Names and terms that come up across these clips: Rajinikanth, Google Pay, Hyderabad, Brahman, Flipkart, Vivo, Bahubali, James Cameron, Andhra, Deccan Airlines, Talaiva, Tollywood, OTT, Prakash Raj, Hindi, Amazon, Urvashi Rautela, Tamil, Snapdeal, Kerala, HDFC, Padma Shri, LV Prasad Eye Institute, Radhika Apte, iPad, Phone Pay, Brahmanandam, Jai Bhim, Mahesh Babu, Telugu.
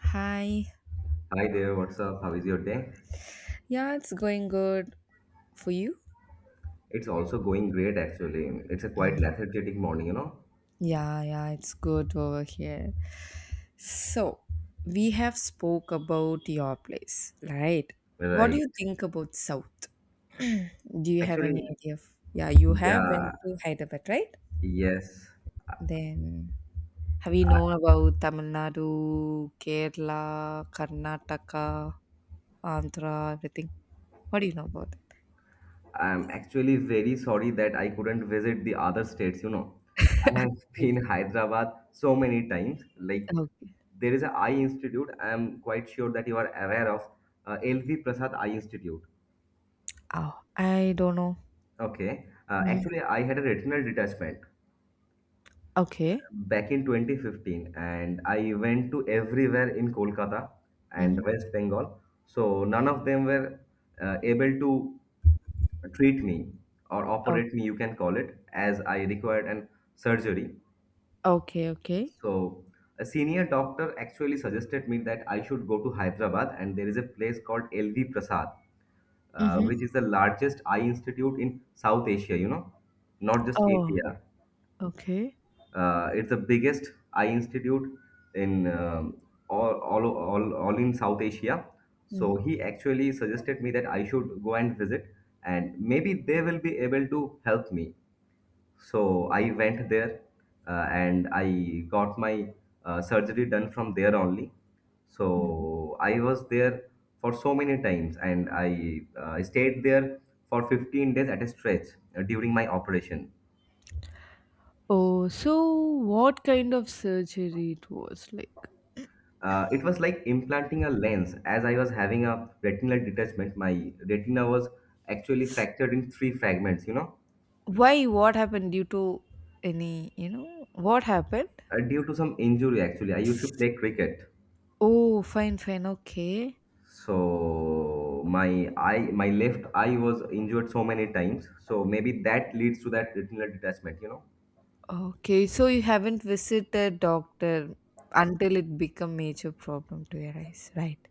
Hi. Hi there, what's up? How is your day? Yeah, it's going good for you. It's also going great actually. It's a quite Mm. lethargic morning, you know? Yeah, yeah, it's good over here. So, we have spoke about your place, right? What do Right. you think about South? Do you have any Actually, idea of? Yeah, you have yeah, went to Hyderabad, right? yes. Then have you known about Tamil Nadu, Kerala, Karnataka, Andhra, everything? What do you know about I'm actually very sorry that I couldn't visit the other states, you know. I have that? been Hyderabad so many times. Like Okay. there is a Eye Institute. I'm quite sure that you are aware of LV Prasad Eye Institute. Oh, I don't know. Okay. Mm. Actually, I had a retinal detachment Okay. back in 2015, and I went to everywhere in Kolkata and Mhm. West Bengal. So none of them were able to treat me or Oh, operate me, you can call it as I required an surgery. okay, okay. So a senior doctor actually suggested me that I should go to Hyderabad, and there is a place called LV Prasad, Mhm. which is the largest eye institute in South Asia, you know, not just Oh, India. okay. It's the biggest eye institute in all in South Asia. So Mhm. he actually suggested me that I should go and visit, and maybe they will be able to help me. So I went there, and I got my surgery done from there only. Mhm. So I was there for so many times, and I stayed there for 15 days at a stretch during my operation. Oh, so what kind of surgery it was like? It was like implanting a lens. As I was having a retinal detachment, my retina was actually fractured in three fragments, you know, Why? What happened due to any, what happened? Due to some injury actually. I used to play cricket. Oh, fine, fine. Okay. So my eye, my left eye was injured so many times. So maybe that leads to that retinal detachment, you know. Okay. So you haven't visited doctor until it become major problem to your eyes, right?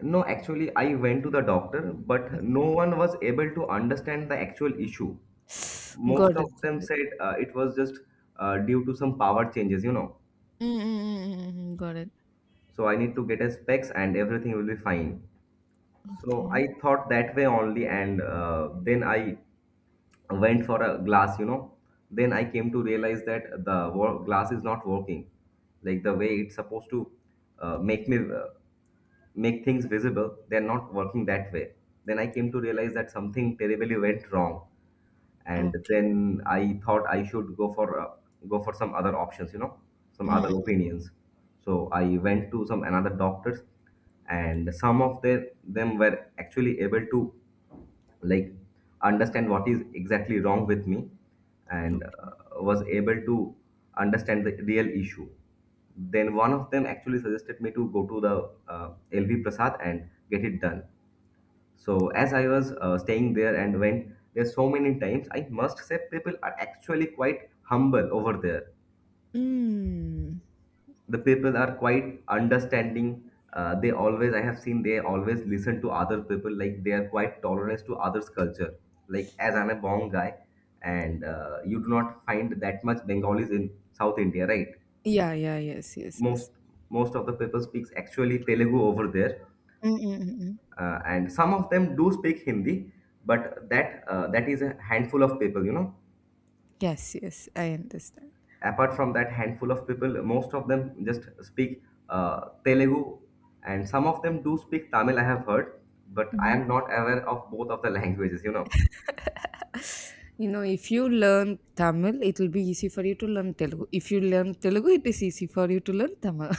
No, actually, I went to the doctor, but no Okay. one was able to understand the actual issue. Most Got of it, got them it. said it was just due to some power changes, you know Mm-mm-mm-mm. Got it. so I need to get a specs and everything will be fine. So Okay. I thought that way only, and then I went for a glass, then I came to realize that the glass is not working like the way it's supposed to make me make things visible. They're not working that way. Then I came to realize that something terribly went wrong, and Okay. then I thought I should go for go for some other options, you know, some other Mm-mm. opinions. So I went to some another doctors, and some of them were actually able to like understand what is exactly wrong with me, Okay. and was able to understand the real issue. Then one of them actually suggested me to go to the LV Prasad and get it done. So as I was staying there and went there so many times, I must say people are actually quite humble over there. Mm. The people are quite understanding. They always, I have seen, they always listen to other people. Like they are quite tolerant to others' culture. Like as I'm a Bong guy, and you do not find that much Bengalis in South India, right? Yeah, yeah, yes, yes, Most yes. most of the people speaks actually Telugu over there, Mm, mm, mm, mm. And some of them do speak Hindi, but that is a handful of people, you know. Yes, yes, I understand. Apart from that handful of people, most of them just speak Telugu, and some of them do speak Tamil. I have heard, but I Mhm. am not aware of both of the languages. You know, You know, if you learn Tamil, it will be easy for you to learn Telugu. If you learn Telugu, it is easy for you to learn Tamil.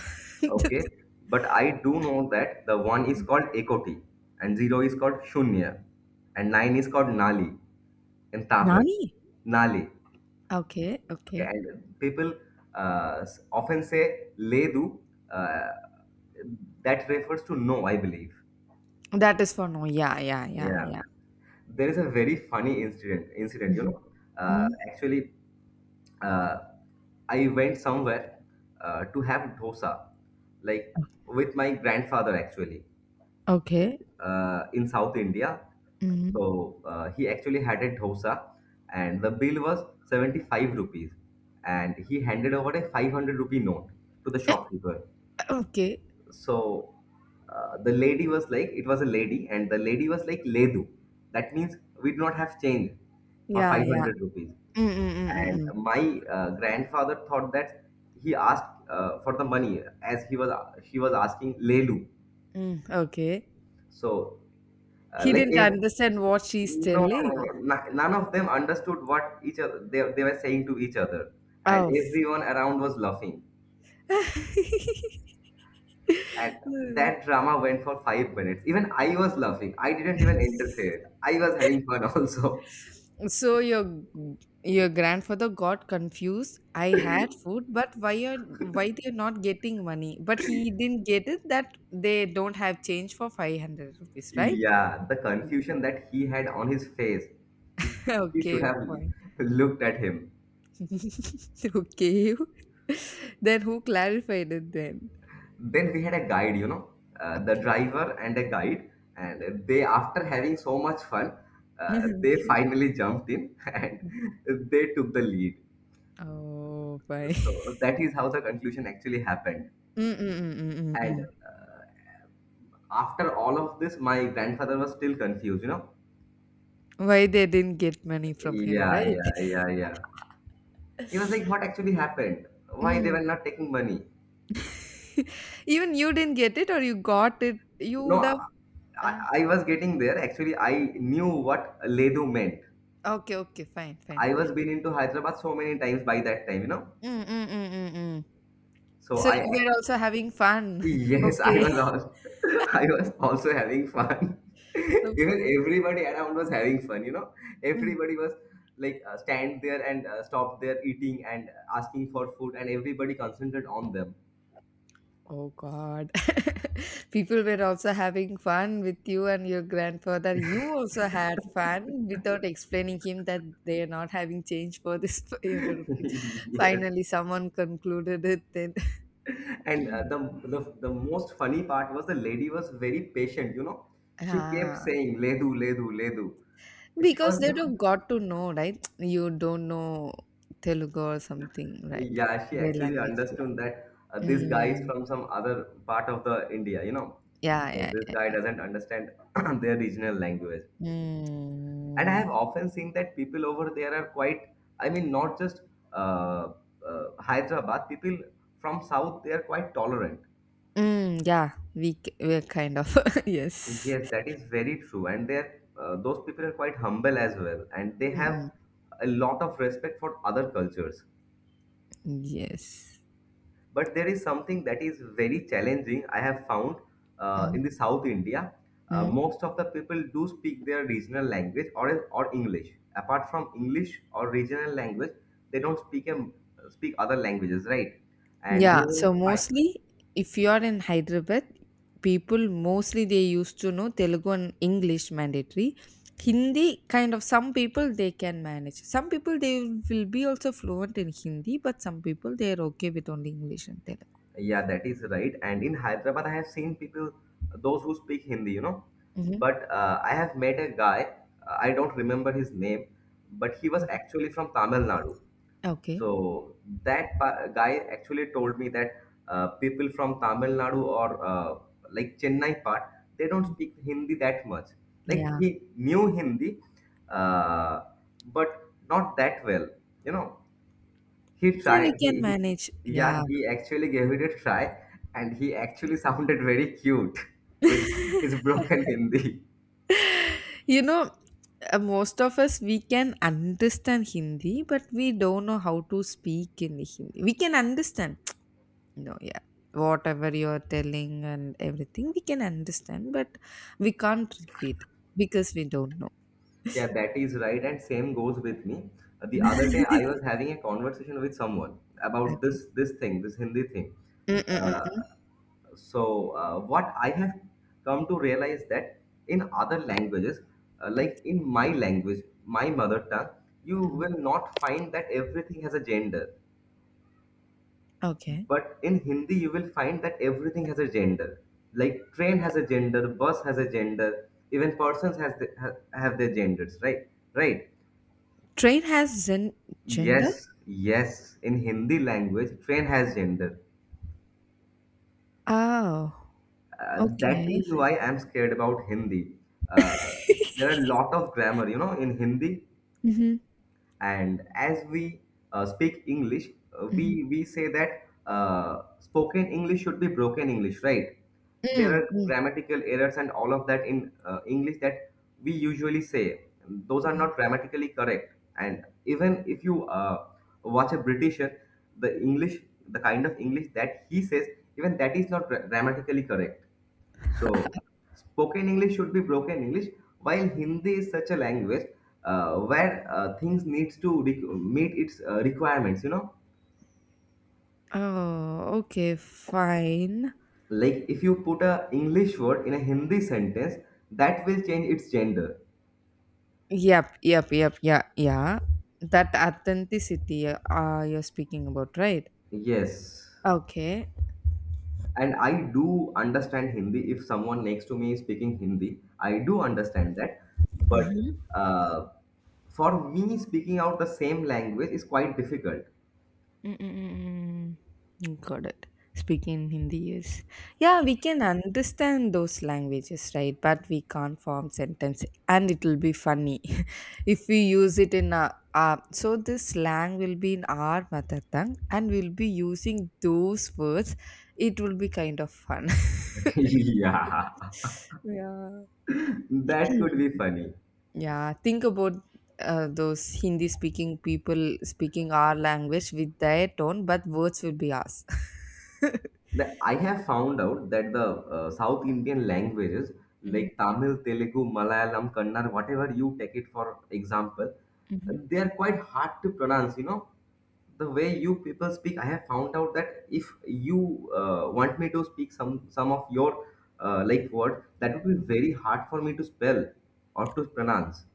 okay. But I do know that the one is called Ekoti, and zero is called Shunya, and nine is called Nali in Tamil. Nani? Nali. Okay, Okay, okay. and people often say Ledu. Uh, that refers to no, I believe. That is for no. Yeah, yeah, yeah, Yeah. yeah. There is a very funny incident, you know. Mhm. Mm. Actually uh, I went somewhere to have dosa, like with my grandfather actually, Okay. In South India. Mhm. So he actually had a dosa, and the bill was 75 rupees, and he handed over a 500 rupee note to the shopkeeper. Okay. So the lady was like it was a lady, and the lady was like Ledu. That means we do not have change for Yeah, yeah. 500 rupees. Mm, mm, mm, mm, And mm. my grandfather thought that he asked for the money as he was she was asking Lelu. Mm, okay. So He like didn't if understand what she's no, no, no, no, telling. No, none of them understood what each other they were saying to each other, and Oh. everyone around was laughing. And Hmm. that drama went for 5 minutes. Even I was laughing. I didn't even interfere. I was having fun also. So your grandfather got confused. I had food, but why they're not getting money? But he didn't get it that they don't have change for 500 rupees, right? Yeah, the confusion that he had on his face. You should Okay, have fine. looked at him. Okay. Then who clarified it then? Then we had a guide, you know, the Okay. driver and a guide. And they, after having so much fun, they Okay. finally jumped in and they took the lead. Oh, fine. So that is how the conclusion actually happened. And Mm-mm-mm-mm-mm. after all of this, my grandfather was still confused, you know. Why they didn't get money from him, Yeah, right? yeah, yeah, yeah. He was like, what actually happened? Why they Mm. were not taking money? Even you didn't get it or you got it, you No, would have I, uh, I was getting there. Actually, I knew what Ledu meant. okay, okay, fine, fine, I was fine. been into Hyderabad so many times by that time, you know. Mm, mm, mm, mm, mm. So So I, you were ac- also having fun. yes, I Okay. was also, I was also having fun. So Even fun. everybody around was having fun, you know. Mm. Everybody was like stand there and stop there eating and asking for food, and everybody concentrated on them. Oh God. People were also having fun with you and your grandfather. You also had fun without explaining him that they are not having change for this 500 rupees. Yes. Finally, someone concluded it then. And uh, the, the the most funny part was the lady was very patient. You know, she kept Ah. saying "Ledu, Ledu, Ledu." She Because was they would not. have got to know, right? You don't know Telugu or something, right? Yeah, she Their actually language, yeah. understood that this guy is Mm. from some other part of the India. You know, so Yeah, this yeah. guy doesn't understand their regional language. And I Mm. have often seen that people over there are quite. I mean, not just uh, Hyderabad people from South. They are quite tolerant. Mm, yeah, we're kind of yes. Yes, that is very true. And they're those people are quite humble as well, and they have Mm, a lot of respect for other cultures. yes. But there is something that is very challenging. I have found Mm-hmm. in the South India, Mm-hmm. most of the people do speak their regional language or English. Apart from English or regional language, they don't speak speak other languages, right? And Yeah, you will so mostly if you are in Hyderabad, people mostly they used to know Telugu and English mandatory. Hindi kind of some people they can manage. Some people they will be also fluent in Hindi, but some people they are okay with only English and Telugu. yeah, that is right. And in Hyderabad, I have seen people, those who speak Hindi, you know. Hmm. But I have met a guy, I don't remember his name, but he was actually from Tamil Nadu. Okay. So that guy actually told me that people from Tamil Nadu or like Chennai part, they don't speak Hindi that much. Like Yeah. he knew Hindi, uh, but not that well, you know. He Yeah, we tried. can manage. He Yeah. yeah. He actually gave it a try, and he actually sounded very cute with his broken Hindi. You know, most of us we can understand Hindi, but we don't know how to speak in Hindi. We can understand. No, yeah. Whatever you're telling and everything, we can understand, but we can't repeat because we don't know. Yeah, that is right, and same goes with me. The other day, I was having a conversation with someone about Okay. this thing, this Hindi thing. Mm, mm, Uh, mm. so what I have come to realize that in other languages, like Okay. in my language, my mother tongue, you Mm. will not find that everything has a gender. Okay. But in Hindi, you will find that everything has a gender. Like train has a gender, bus has a gender, even persons have their genders, right? Right. Train has zen gender? Yes, yes, in Hindi language, train has gender. Oh, That okay. is why I'm scared about Hindi. Uh, there are a lot of grammar, you know, in Hindi. Mm-hmm. And as we speak English, uh, we Mm-hmm. we say that spoken English should be broken English, right? There Mm, are mm, grammatical errors and all of that in English that we usually say those are mm. not grammatically correct. And even if you watch a britisher, the English, the kind of English that he says, even that is not grammatically correct. So, spoken English should be broken English, while Hindi is such a language where things needs to meet its requirements. You know, Oh, okay, fine. like if you put a English word in a Hindi sentence, that will change its gender. Yep, yep, yep, yeah, yeah. That authenticity you're speaking about, right? Yes. Okay. And I do understand Hindi. If someone next to me is speaking Hindi, I do understand that. But Mm-hmm. For me, speaking out the same language is quite difficult. Mm, mm, mm, mm. Got it. Speaking Hindi, is. Yeah, we can understand those languages, right? But we can't form sentences, and it'll be funny if we use it in a. So this slang will be in our mother tongue, and we'll be using those words. It will be kind of fun. Yeah, that could be Yeah. funny. Yeah, think about those Hindi speaking people speaking our language with their tone, but words will be us. The I have found out that the South Indian languages Hmm, like Tamil, Telugu, Malayalam, Kannada, whatever you take it for example, hmm. they are quite hard to pronounce. You know, the way you people speak, I have found out that if you want me to speak some of your like word, that would be very hard for me to spell or to pronounce.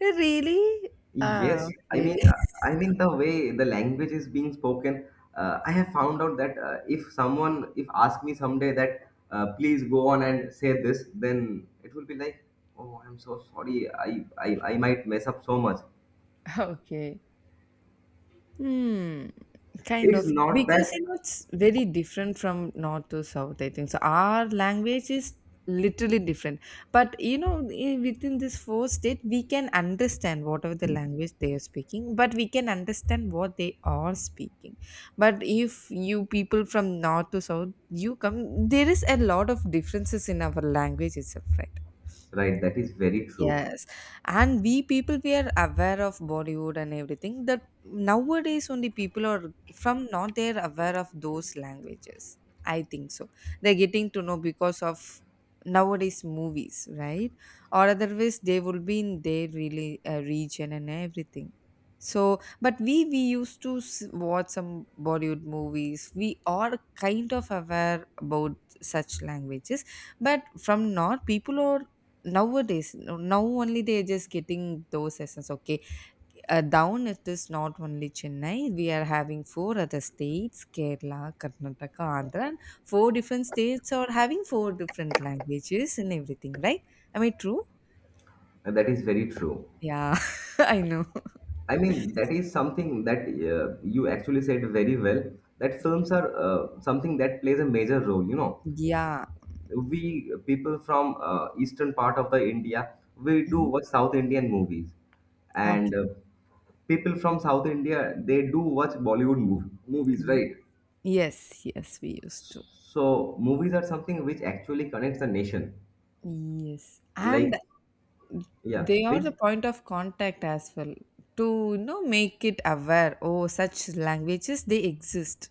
Really? Ah, Yes, okay. I mean the way the language is being spoken. I have found out that if someone if ask me someday that please go on and say this, then it will be like, oh, I'm so sorry, I might mess up so much. Okay. Hmm. Kind It's of. not Because that you know, it's very different from north to south, I think. So our language is literally different. But you know, within this four state, we can understand whatever the language they are speaking, but we can understand what they are speaking. But if you people from north to south, you come, there is a lot of differences in our language itself, right? right. That is very true. Yes, and we people we are aware of Bollywood and everything that nowadays only people are from not they're aware of those languages. I think so. They're getting to know because of nowadays movies, right? Or otherwise they will be in their really region and everything. So, but we used to watch some Bollywood movies. We are kind of aware about such languages, but from north people are nowadays, now only they are just getting those essence. Okay. Down, it is not only Chennai, we are having four other states, Kerala, Karnataka, Andhra, and four different states are having four different languages and everything, right? I mean, true. That is very true. Yeah. I know. I mean, that is something that you actually said very well. That films are something that plays a major role. You know Yeah. we people from eastern part of the india we do Mhm. watch south indian movies Okay. and people from south india they do watch movies Ye- right yes, yes, we used to. so movies are something which actually connects the nation Yes, and like yeah they are the please point of contact as well, to make it aware, oh such languages they exist,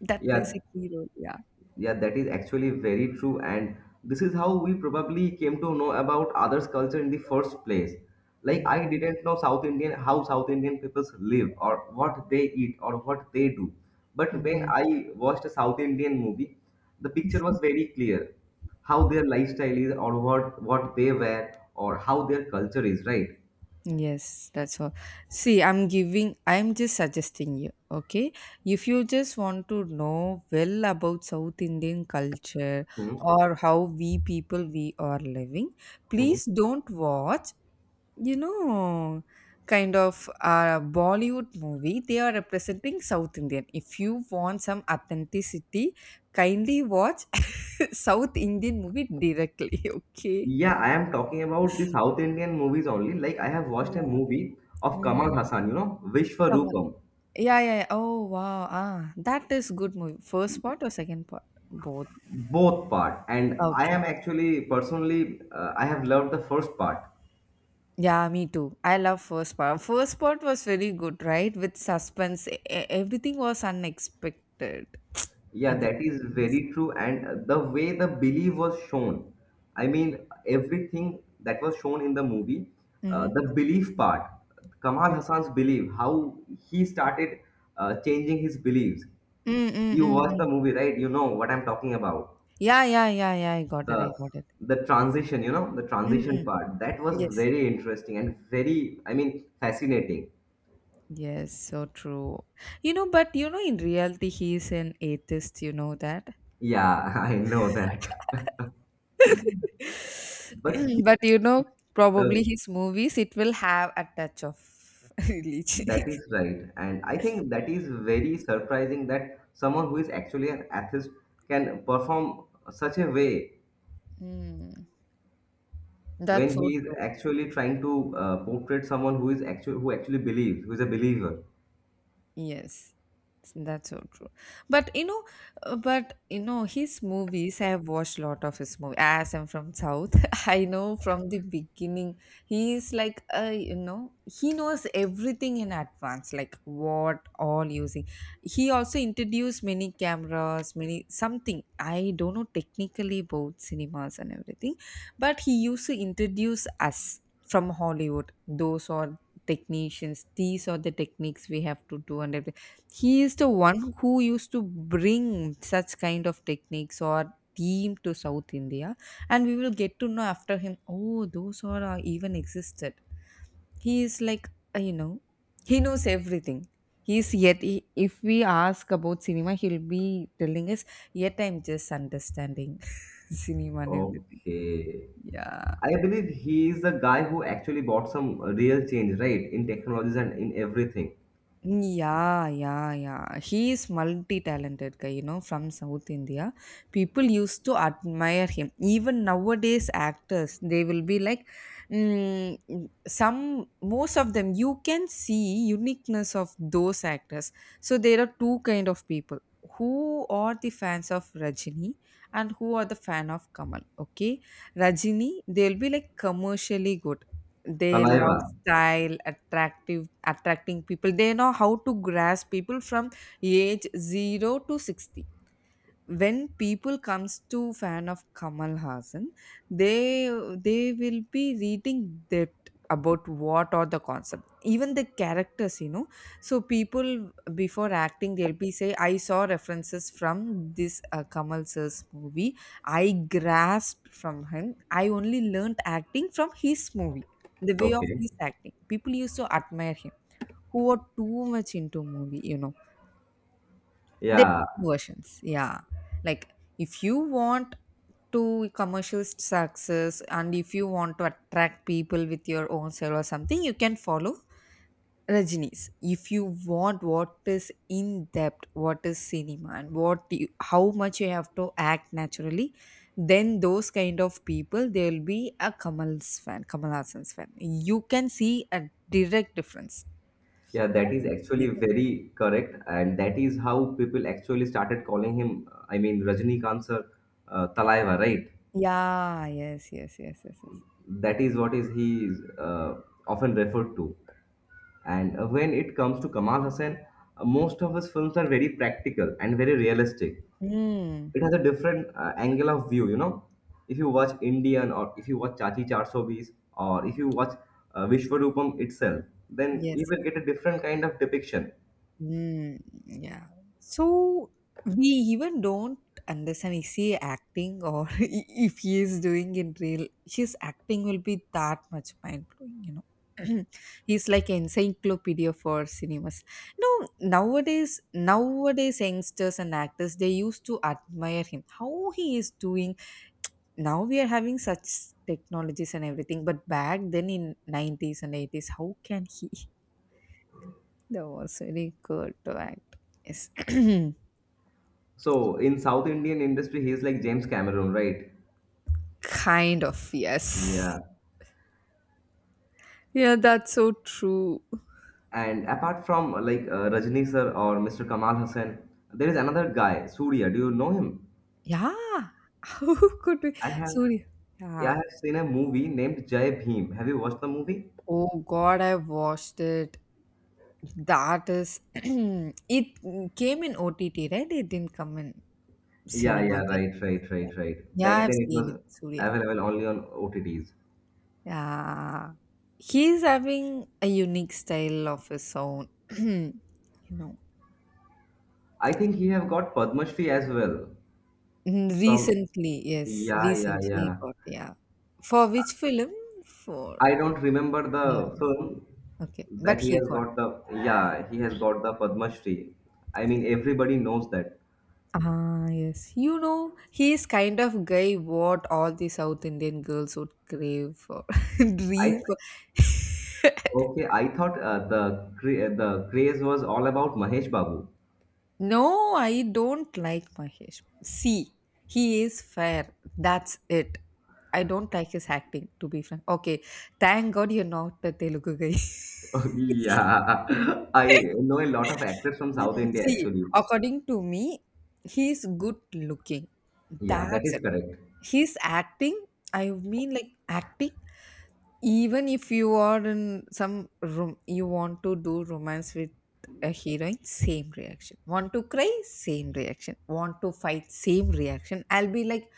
that plays yeah. a key role. Yeah. Yeah, that is actually very true. And this is how we probably came to know about others' culture in the first place. Like I Mhm. didn't know South Indian how South Indian people live or what they eat or what they do. But when Mhm. I watched a South Indian movie, the picture was very clear how their lifestyle is or what they wear or how their culture is, right? Yes, that's all. See, I'm just suggesting you. Okay, if you just want to know well about South Indian culture Hmm. or how we people we are living, Hmm. please don't watch, you know kind of a Bollywood movie they are representing South Indian. If you want some authenticity, kindly watch South Indian movie directly. Okay. Yeah, I am talking about the South Indian movies only. Like I have watched a Yeah. movie of Kamal Mhm. Hassan, you know, Come on. Vishwarupam. Yeah, yeah, yeah. Oh, wow. Ah, that is good movie. First part or second part? Both. Both part and I Okay. am actually personally I have loved the first part Yeah, me too. I love first part. First part was very good, right? With suspense, everything was unexpected. yeah that Everything. is Yes. very true and the way the belief was shown i mean everything that was shown in the movie, Mm-hmm. the belief part, kamal hassan's belief how he started changing his beliefs. Mm, mm, You mm, watch the mm. movie right? You know what I'm talking about, Yeah, yeah, yeah, yeah. I got it. I the got it. the transition, you know, the transition Mm. part that was Yes. very interesting and very, i mean fascinating. Yes, so true. You know, but in reality, he is an atheist. You know that. Yeah, I know that. But the, But you know, probably the- his movies it will have a touch of religion. that is right. And I think that is very surprising that someone who is actually an atheist can perform such a way Mm. That's when so he is true. actually trying to portray someone who is actually believes, who is a believer. Yes, that's so true. But you know, but you know, his movies. I have watched a lot of his movies. As I'm from South, I know from the beginning. He is like, he knows everything in advance, like what all using. He also introduced many cameras, many something. I don't know technically about cinemas and everything, but he used to introduce us from Hollywood. Those or technicians, these are the techniques we have to do and everything, he is the one who used to bring such kind of techniques or team to South India, and we will get to know after him, oh those are even existed. He is like uh, you know he knows everything. He's yet he, if we ask about cinema he'll be telling us. Yet I'm just understanding cinema and everything. Okay. Yeah. I believe he is the guy who actually bought some real change, right, in technologies and in everything. Yeah, yeah, yeah. He is multi-talented guy, you know, from South India. People used to admire him. Even nowadays, actors, they will be like, mm, some, most of them, you can see uniqueness of those actors. So there are two kind of people who are the fans of Rajini and who are the fan of Kamal. Okay, Rajini, they'll be like commercially good, they love Talaiva. style, attractive, attracting people, they know how to grasp people from age 0 to 60. When people comes to fan of Kamal Hassan, they they will be reading depth about what are the concept, even the characters, you know. So people before acting, they'll be say, "I saw references from this Kamal sir's movie. I grasped from him. I only learnt acting from his movie, the way of Okay. his acting." People used to admire him, who are too much into movie, you know, there Yeah. are versions, yeah. Like if you want to commercial success and if you want to attract people with your own style or something, you can follow Rajini's. If you want what is in depth, what is cinema and what you, how much you have to act naturally, then those kind of people they'll be a Kamal's fan, Kamal Hassan's fan. You can see a direct difference. Yeah, that I is can see actually that. very correct, and that is how people actually started calling him, I mean, Rajinikanth sir, Talaiva, right? Yeah, yes, yes, yes, yes, yes. That is what is he is often referred to. And when it comes to Kamal Hussain, most of his films are very practical and very realistic. Hmm. It has a different angle of view, you know. If you watch Indian, or if you watch Chachi Char, or if you watch Vishwarupam itself, then you Yes. will get a different kind of depiction. Mm, yeah. So we even don't understand is he acting or if he is doing in real his acting will be that much mind blowing, you know. He's like encyclopedia for cinemas. No, nowadays youngsters and actors they used to admire him. How he is doing now we are having such technologies and everything, but back then in nineties and eighties, how can he? That was very good to act. Yes. So in South Indian industry, he is like James Cameron, right? Kind of, yes. Yeah. Yeah, that's so true. And apart from like Rajni sir or Mr. Kamal Hussain, there is another guy, Surya. Do you know him? Yeah. How could we? I have, Sorry. yeah, Yeah. I have seen a movie named Jai Bhim. Have you watched the movie? Oh God, I watched it. That is, it came in OTT, right? It didn't come in Yeah, cinema yeah, theater. right, right, right, right. Yeah, Back I've then it seen it, was Surya. available only on OTTs. Yeah. He's having a unique style of his own. You know, I think he have got Padma Shri as well Mm. from Recently, yes, yeah, yeah, recently he yeah. got, yeah. For which film? For, I don't remember yeah, the film okay. But that he he has got. got the yeah he has got the Padma Shri. I mean everybody knows that. Ah, yes. You know, he is kind of guy what all the South Indian girls would crave for, I dream for. okay I thought the craze was all about Mahesh Babu. No, I don't like Mahesh. See, he is fair. That's it. I don't like his acting, to be frank. Okay, thank God you're not a Telugu guy. Yeah, I know a lot of actors from Hmm. South India See, actually. according to me, he's good looking. Yeah, that That's is it. correct. He's acting. I mean, like acting. Even if you are in some room, you want to do romance with a heroine, same reaction. Want to cry, same reaction. Want to fight, same reaction. I'll be like,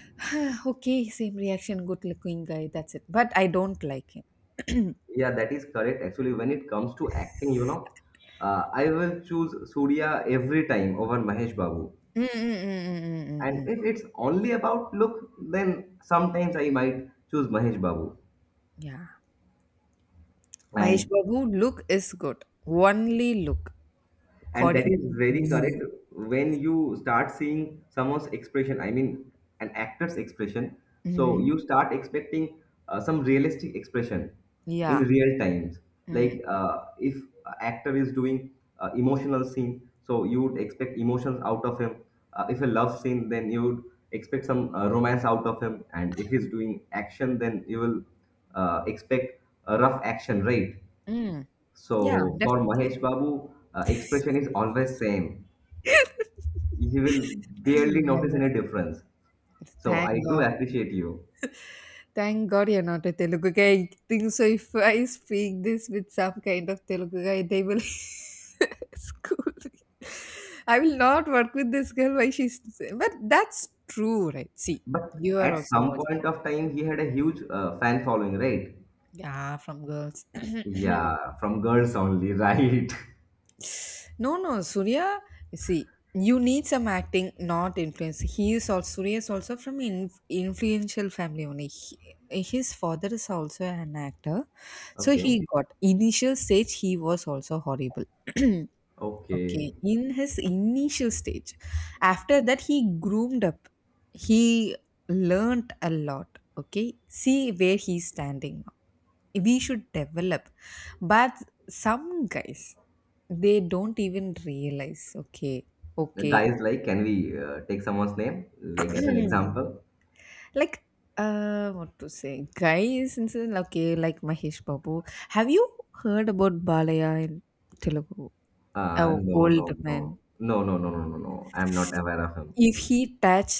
okay, same reaction, good looking guy. That's it. But I don't like him. Yeah, that is correct. Actually, when it comes to acting, you know, I will choose Surya every time over Mahesh Babu. Mm, mm, mm, mm, mm, And mm, mm. if it's only about look, then sometimes I might choose Mahesh Babu. Yeah. Mahesh And Babu look is good. Only look, and that according is to very me. correct when you start seeing someone's expression, an actor's expression, so you Mhm. start expecting some realistic expression in Yeah. real times, Mm. like if a actor is doing emotional scene so you would expect emotions out of him, if a love scene then you would expect some romance out of him, and if he's doing action then you will expect a rough action, right? Mm. Yeah, So for definitely. Mahesh Babu, expression is always same. He will barely Yeah, notice any yes. difference. So Thank I do God. appreciate you. Thank God you're not a Telugu guy. I think so. If I speak this with some kind of Telugu guy, they will school me. I will not work with this girl. Why she's. But that's true, right? See, But you are at also some point watching. of time, he had a huge fan following, right? Yeah, from girls. Yeah, from girls only, right? No, no, Surya. See, you need some acting, not influence. He is also Surya is also from in, influential family only. He- his father is also an actor, so he Okay, got initial stage. He was also horrible. Okay, okay. in his initial stage, after that he groomed up. He learnt a lot. Okay, see where he's standing we should develop, but some guys they don't even realize. Okay, The okay. guys like, can we take someone's name, like as an example? Like what to say guys and okay, like Mahesh Babu, have you heard about Balaya in Telugu? A No, no, old man, no, no, no, no, no, no, no. I'm not aware of him. if he touch,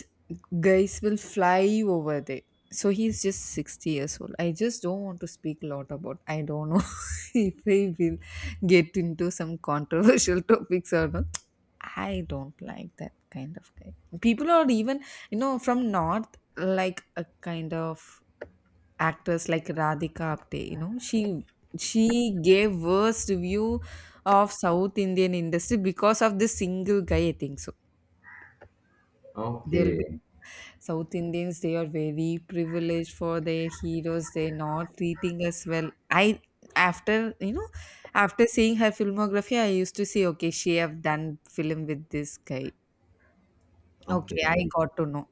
guys will fly over there. So he's just 60 years old. I just don't want to speak a lot about, I don't know, if I will get into some controversial topics or not. I don't like that kind of guy. People are even, from North, like a kind of actress like Radhika Apte, she gave worst view of South Indian industry because of this single guy, I think so. They'll be Okay, South Indians, they are very privileged for their heroes, they're not treating us well. I after you know, after seeing her filmography, I used to say, okay, she have done film with this guy. Okay, okay. I got to know.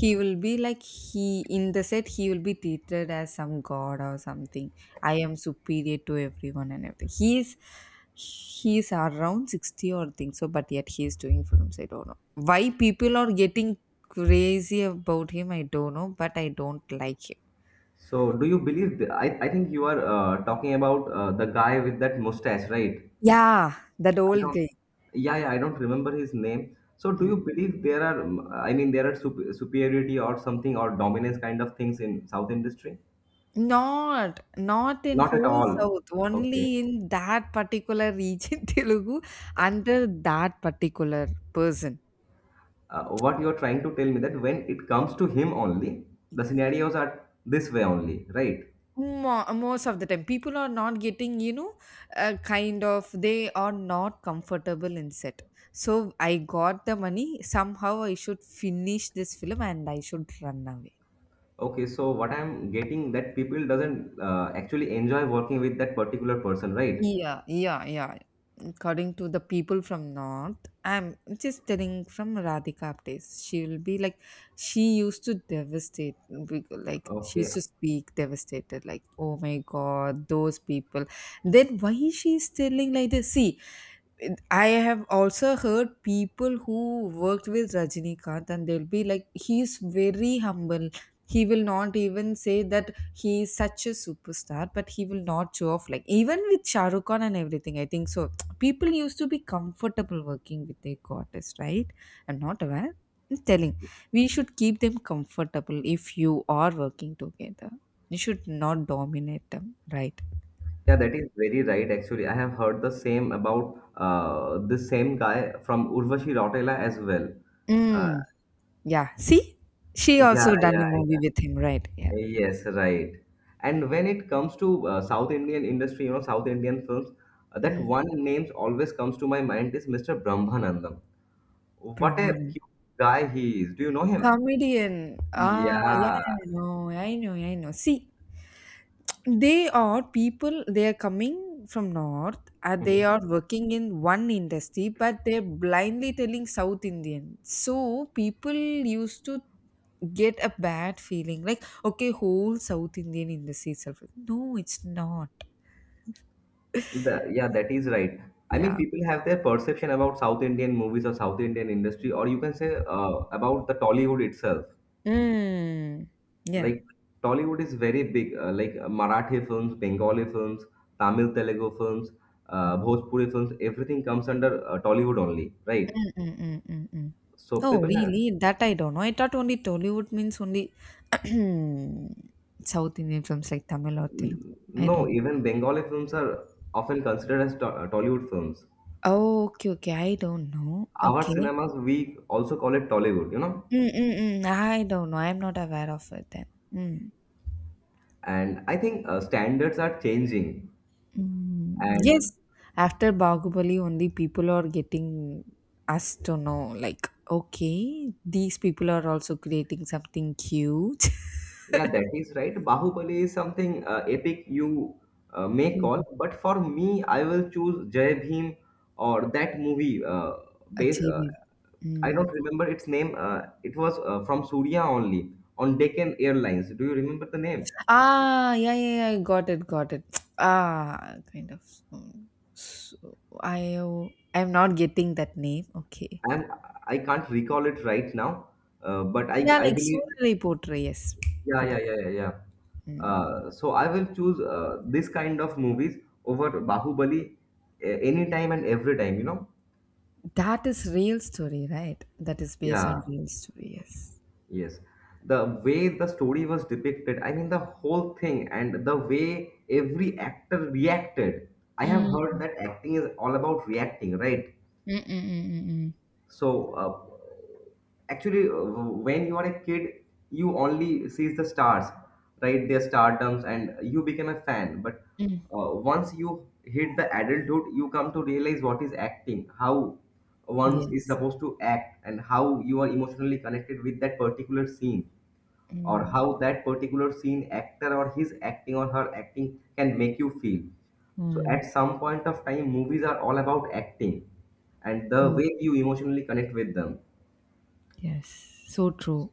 He will be like he in the set, he will be treated as some god or something. I am superior to everyone and everything. He is around 60 or things, so but yet he is doing films. I don't know why people are getting crazy about him. I don't know, but I don't like him. So, do you believe? The, I think you are talking about the guy with that mustache, right? Yeah, that I old don't. guy. Yeah, yeah, I don't remember his name. So, do Mm. you believe there are? I mean, there are superiority or something or dominance kind of things in South industry? Not not in Not at whole all. south, Okay. only in that particular region, Telugu, under that particular person. What you are trying to tell me that when it comes to him only, the scenarios are this way only, right? Most of the time people are not getting, you know, a kind of, they are not comfortable in set. So I got the money somehow, I should finish this film and I should run away. Okay. So, what I'm getting that people doesn't actually enjoy working with that particular person, right? Yeah, yeah, yeah. According to the people from North, I'm just telling from Radhika updates, she will be like, she used to devastate, like she used Okay, to speak devastated, like oh my god those people, then why she is telling like this. See, I have also heard people who worked with Rajinikanth and they'll be like, he's very humble. He will not even say that he is such a superstar, but he will not show off. Like, even with Shah Rukh Khan and everything, I think so. People used to be comfortable working with their artist, right? I'm not aware. I'm telling. We should keep them comfortable if you are working together. You should not dominate them, right? yeah, that is very right. Actually, I have heard the same about this same guy from Urvashi Rautela as well. Uh, Mm. Yeah, see? She yeah, also done yeah, a movie with yeah. him, right? Yeah. Yes, right. And when it comes to South Indian industry, you know, South Indian films, that Mhm. one name always comes to my mind is Mr. Brahmanandam. What a Brahman. cute guy he is. Do you know him? Comedian. Ah, yeah, Yeah. yeah, I know, I know, I know. See, they are people, they are coming from North and they are working in one industry, but they're blindly telling South Indian. So people used to get a bad feeling like, okay, whole South Indian industry itself. No, it's not. The, yeah, that is right. I mean, Yeah. people have their perception about South Indian movies or South Indian industry, or you can say about the Tollywood itself. Mm. Yeah. Like Tollywood is very big. Like Marathi films, Bengali films, Tamil Telugu films, Bhojpuri films. Everything comes under Tollywood only, right? Mm, mm, mm, mm, mm. So Oh, people have really? That I don't know. I thought only Tollywood means only South Indian films like Tamil or Telugu. I no. don't know. Even Bengali films are often considered as Tollywood films. Oh, okay, okay. I don't know. Our Okay. cinemas, we also call it Tollywood, you know. Mm, mm, mm. I don't know. I'm not aware of it then. Mm. And I think standards are changing Mm. Yes. and After Bahubali, only people are getting us to know, like, okay, these people are also creating something cute. yeah, that is right. Bahubali is something epic you may call, Mm. but for me, I will choose Jai Bhim or that movie. Base, uh, Achieving. I don't remember its name. It was from Surya only on Deccan Airlines. Do you remember the name? Ah, yeah, yeah, yeah, got it, got it. Ah, kind of. So, I'm not getting that name. Okay. I'm I can't recall it right now, but I Yeah, I like believe Suralai Potre. Yes, yeah got yeah it. yeah yeah yeah. Mm. So I will choose this kind of movies over Bahubali anytime and every time. You know, That is real story, right? That is based on yeah. real story. Yes. Yes, the way the story was depicted, I mean, the whole thing and the way every actor reacted. I have heard Mm. that acting is all about reacting, right? Mm, mm, mm, mm, mm. So, actually, when you are a kid, you only sees the stars, right? Their stardoms, and you become a fan. But Mm. Once you hit the adulthood, you come to realize what is acting, how one is Yes. supposed to act, and how you are emotionally connected with that particular scene or Mm. how that particular scene actor or his acting or her acting can make you feel. So Mm. at some point of time, movies are all about acting and the Mm. way you emotionally connect with them. Yes. So true.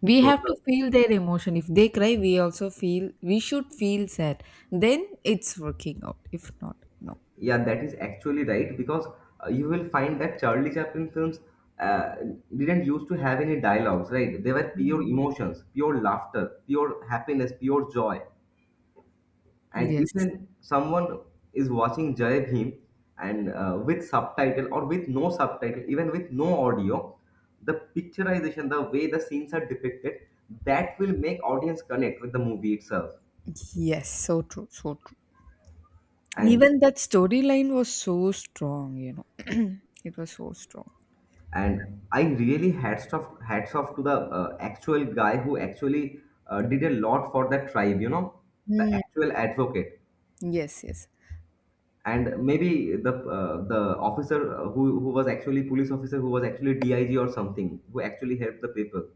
We So have to the, feel their emotion. If they cry, we also feel, we should feel sad, then it's working out. If not, no. yeah, that is actually right because you will find that Charlie Chaplin films uh, didn't used to have any dialogues, right? They were pure Mm. emotions, pure laughter, pure happiness, pure joy. And Yes, even someone is watching Jai Bhim, and with subtitle or with no subtitle, even with no audio, the picturization, the way the scenes are depicted, that will make audience connect with the movie itself. yes, so true, so true. And Even that storyline was so strong, you know, it was so strong. and I really hats off to the actual guy who actually did a lot for that tribe. You know, the Mm. actual advocate, Yes, yes, and maybe the officer who was actually police officer who was actually dig or something who actually helped the people.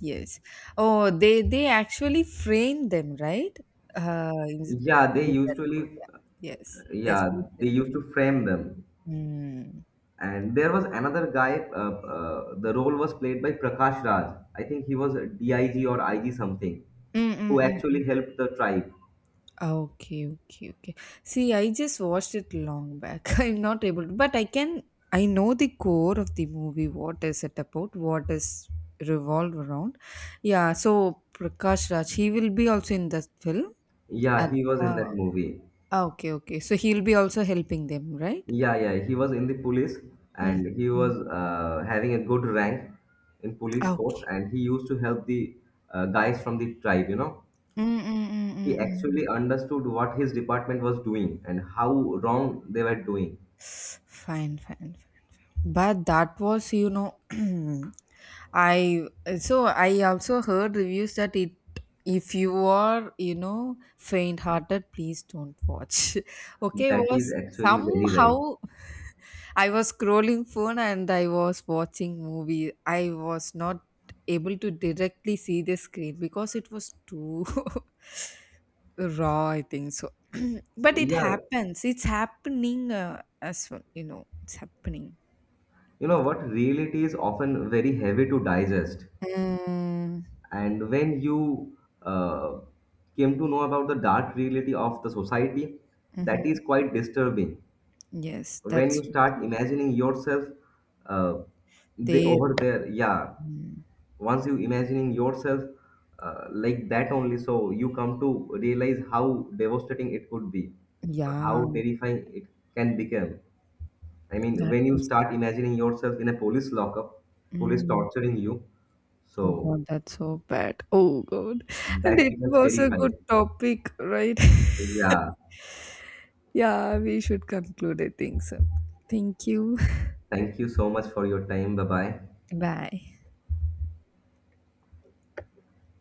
yes. Oh, they actually framed them, right? In, Yeah they with that usually call, yeah. Yes, they yeah actually they framed used them. to frame them. Mm. And there was another guy, the role was played by prakash raj, I think he was a dig or ig something Mm, mm, who mm, actually mm. helped the tribe. Ah, okay, okay, okay. See, I just watched it long back. I'm not able to, but I can, I know the core of the movie, what is it about, what is revolved around. Yeah, so Prakash Raj, he will be also in the film. Yeah And, he was in that uh, movie. okay, okay. So he'll be also helping them, right? Yeah, yeah, he was in the police Mm-hmm. and he was having a good rank in police force Okay. and he used to help the guys from the tribe, you know. He Mm-mm-mm-mm-mm. actually understood what his department was doing and how wrong they were doing. Fine, fine, fine, fine. But that was, you know, I, so I also heard reviews that it, if you are, you know, faint hearted, please don't watch. Okay, That is was actually very right. somehow I was scrolling phone and I was watching movie. I was not able to directly see the screen because it was too raw, I think so. But it Yeah, happens. It's happening as well. You know, it's happening. you know what? Reality is often very heavy to digest. Mm, And when you uh, came to know about the dark reality of the society, that mhm. is quite disturbing. Yes, When that's you so start true. imagining yourself uh, They, over there yeah. mm, Once you imagining yourself like that only, so you come to realize how devastating it could be or yeah, how terrifying it can become. That When you is start so. imagining yourself in a police lockup, police Mm, torturing you, oh so God, that's so bad. Oh God, and that it becomes was a terrifying good topic, right? yeah. Yeah, we should conclude, I think so. Thank you. Thank you so much for your time, bye bye. Bye.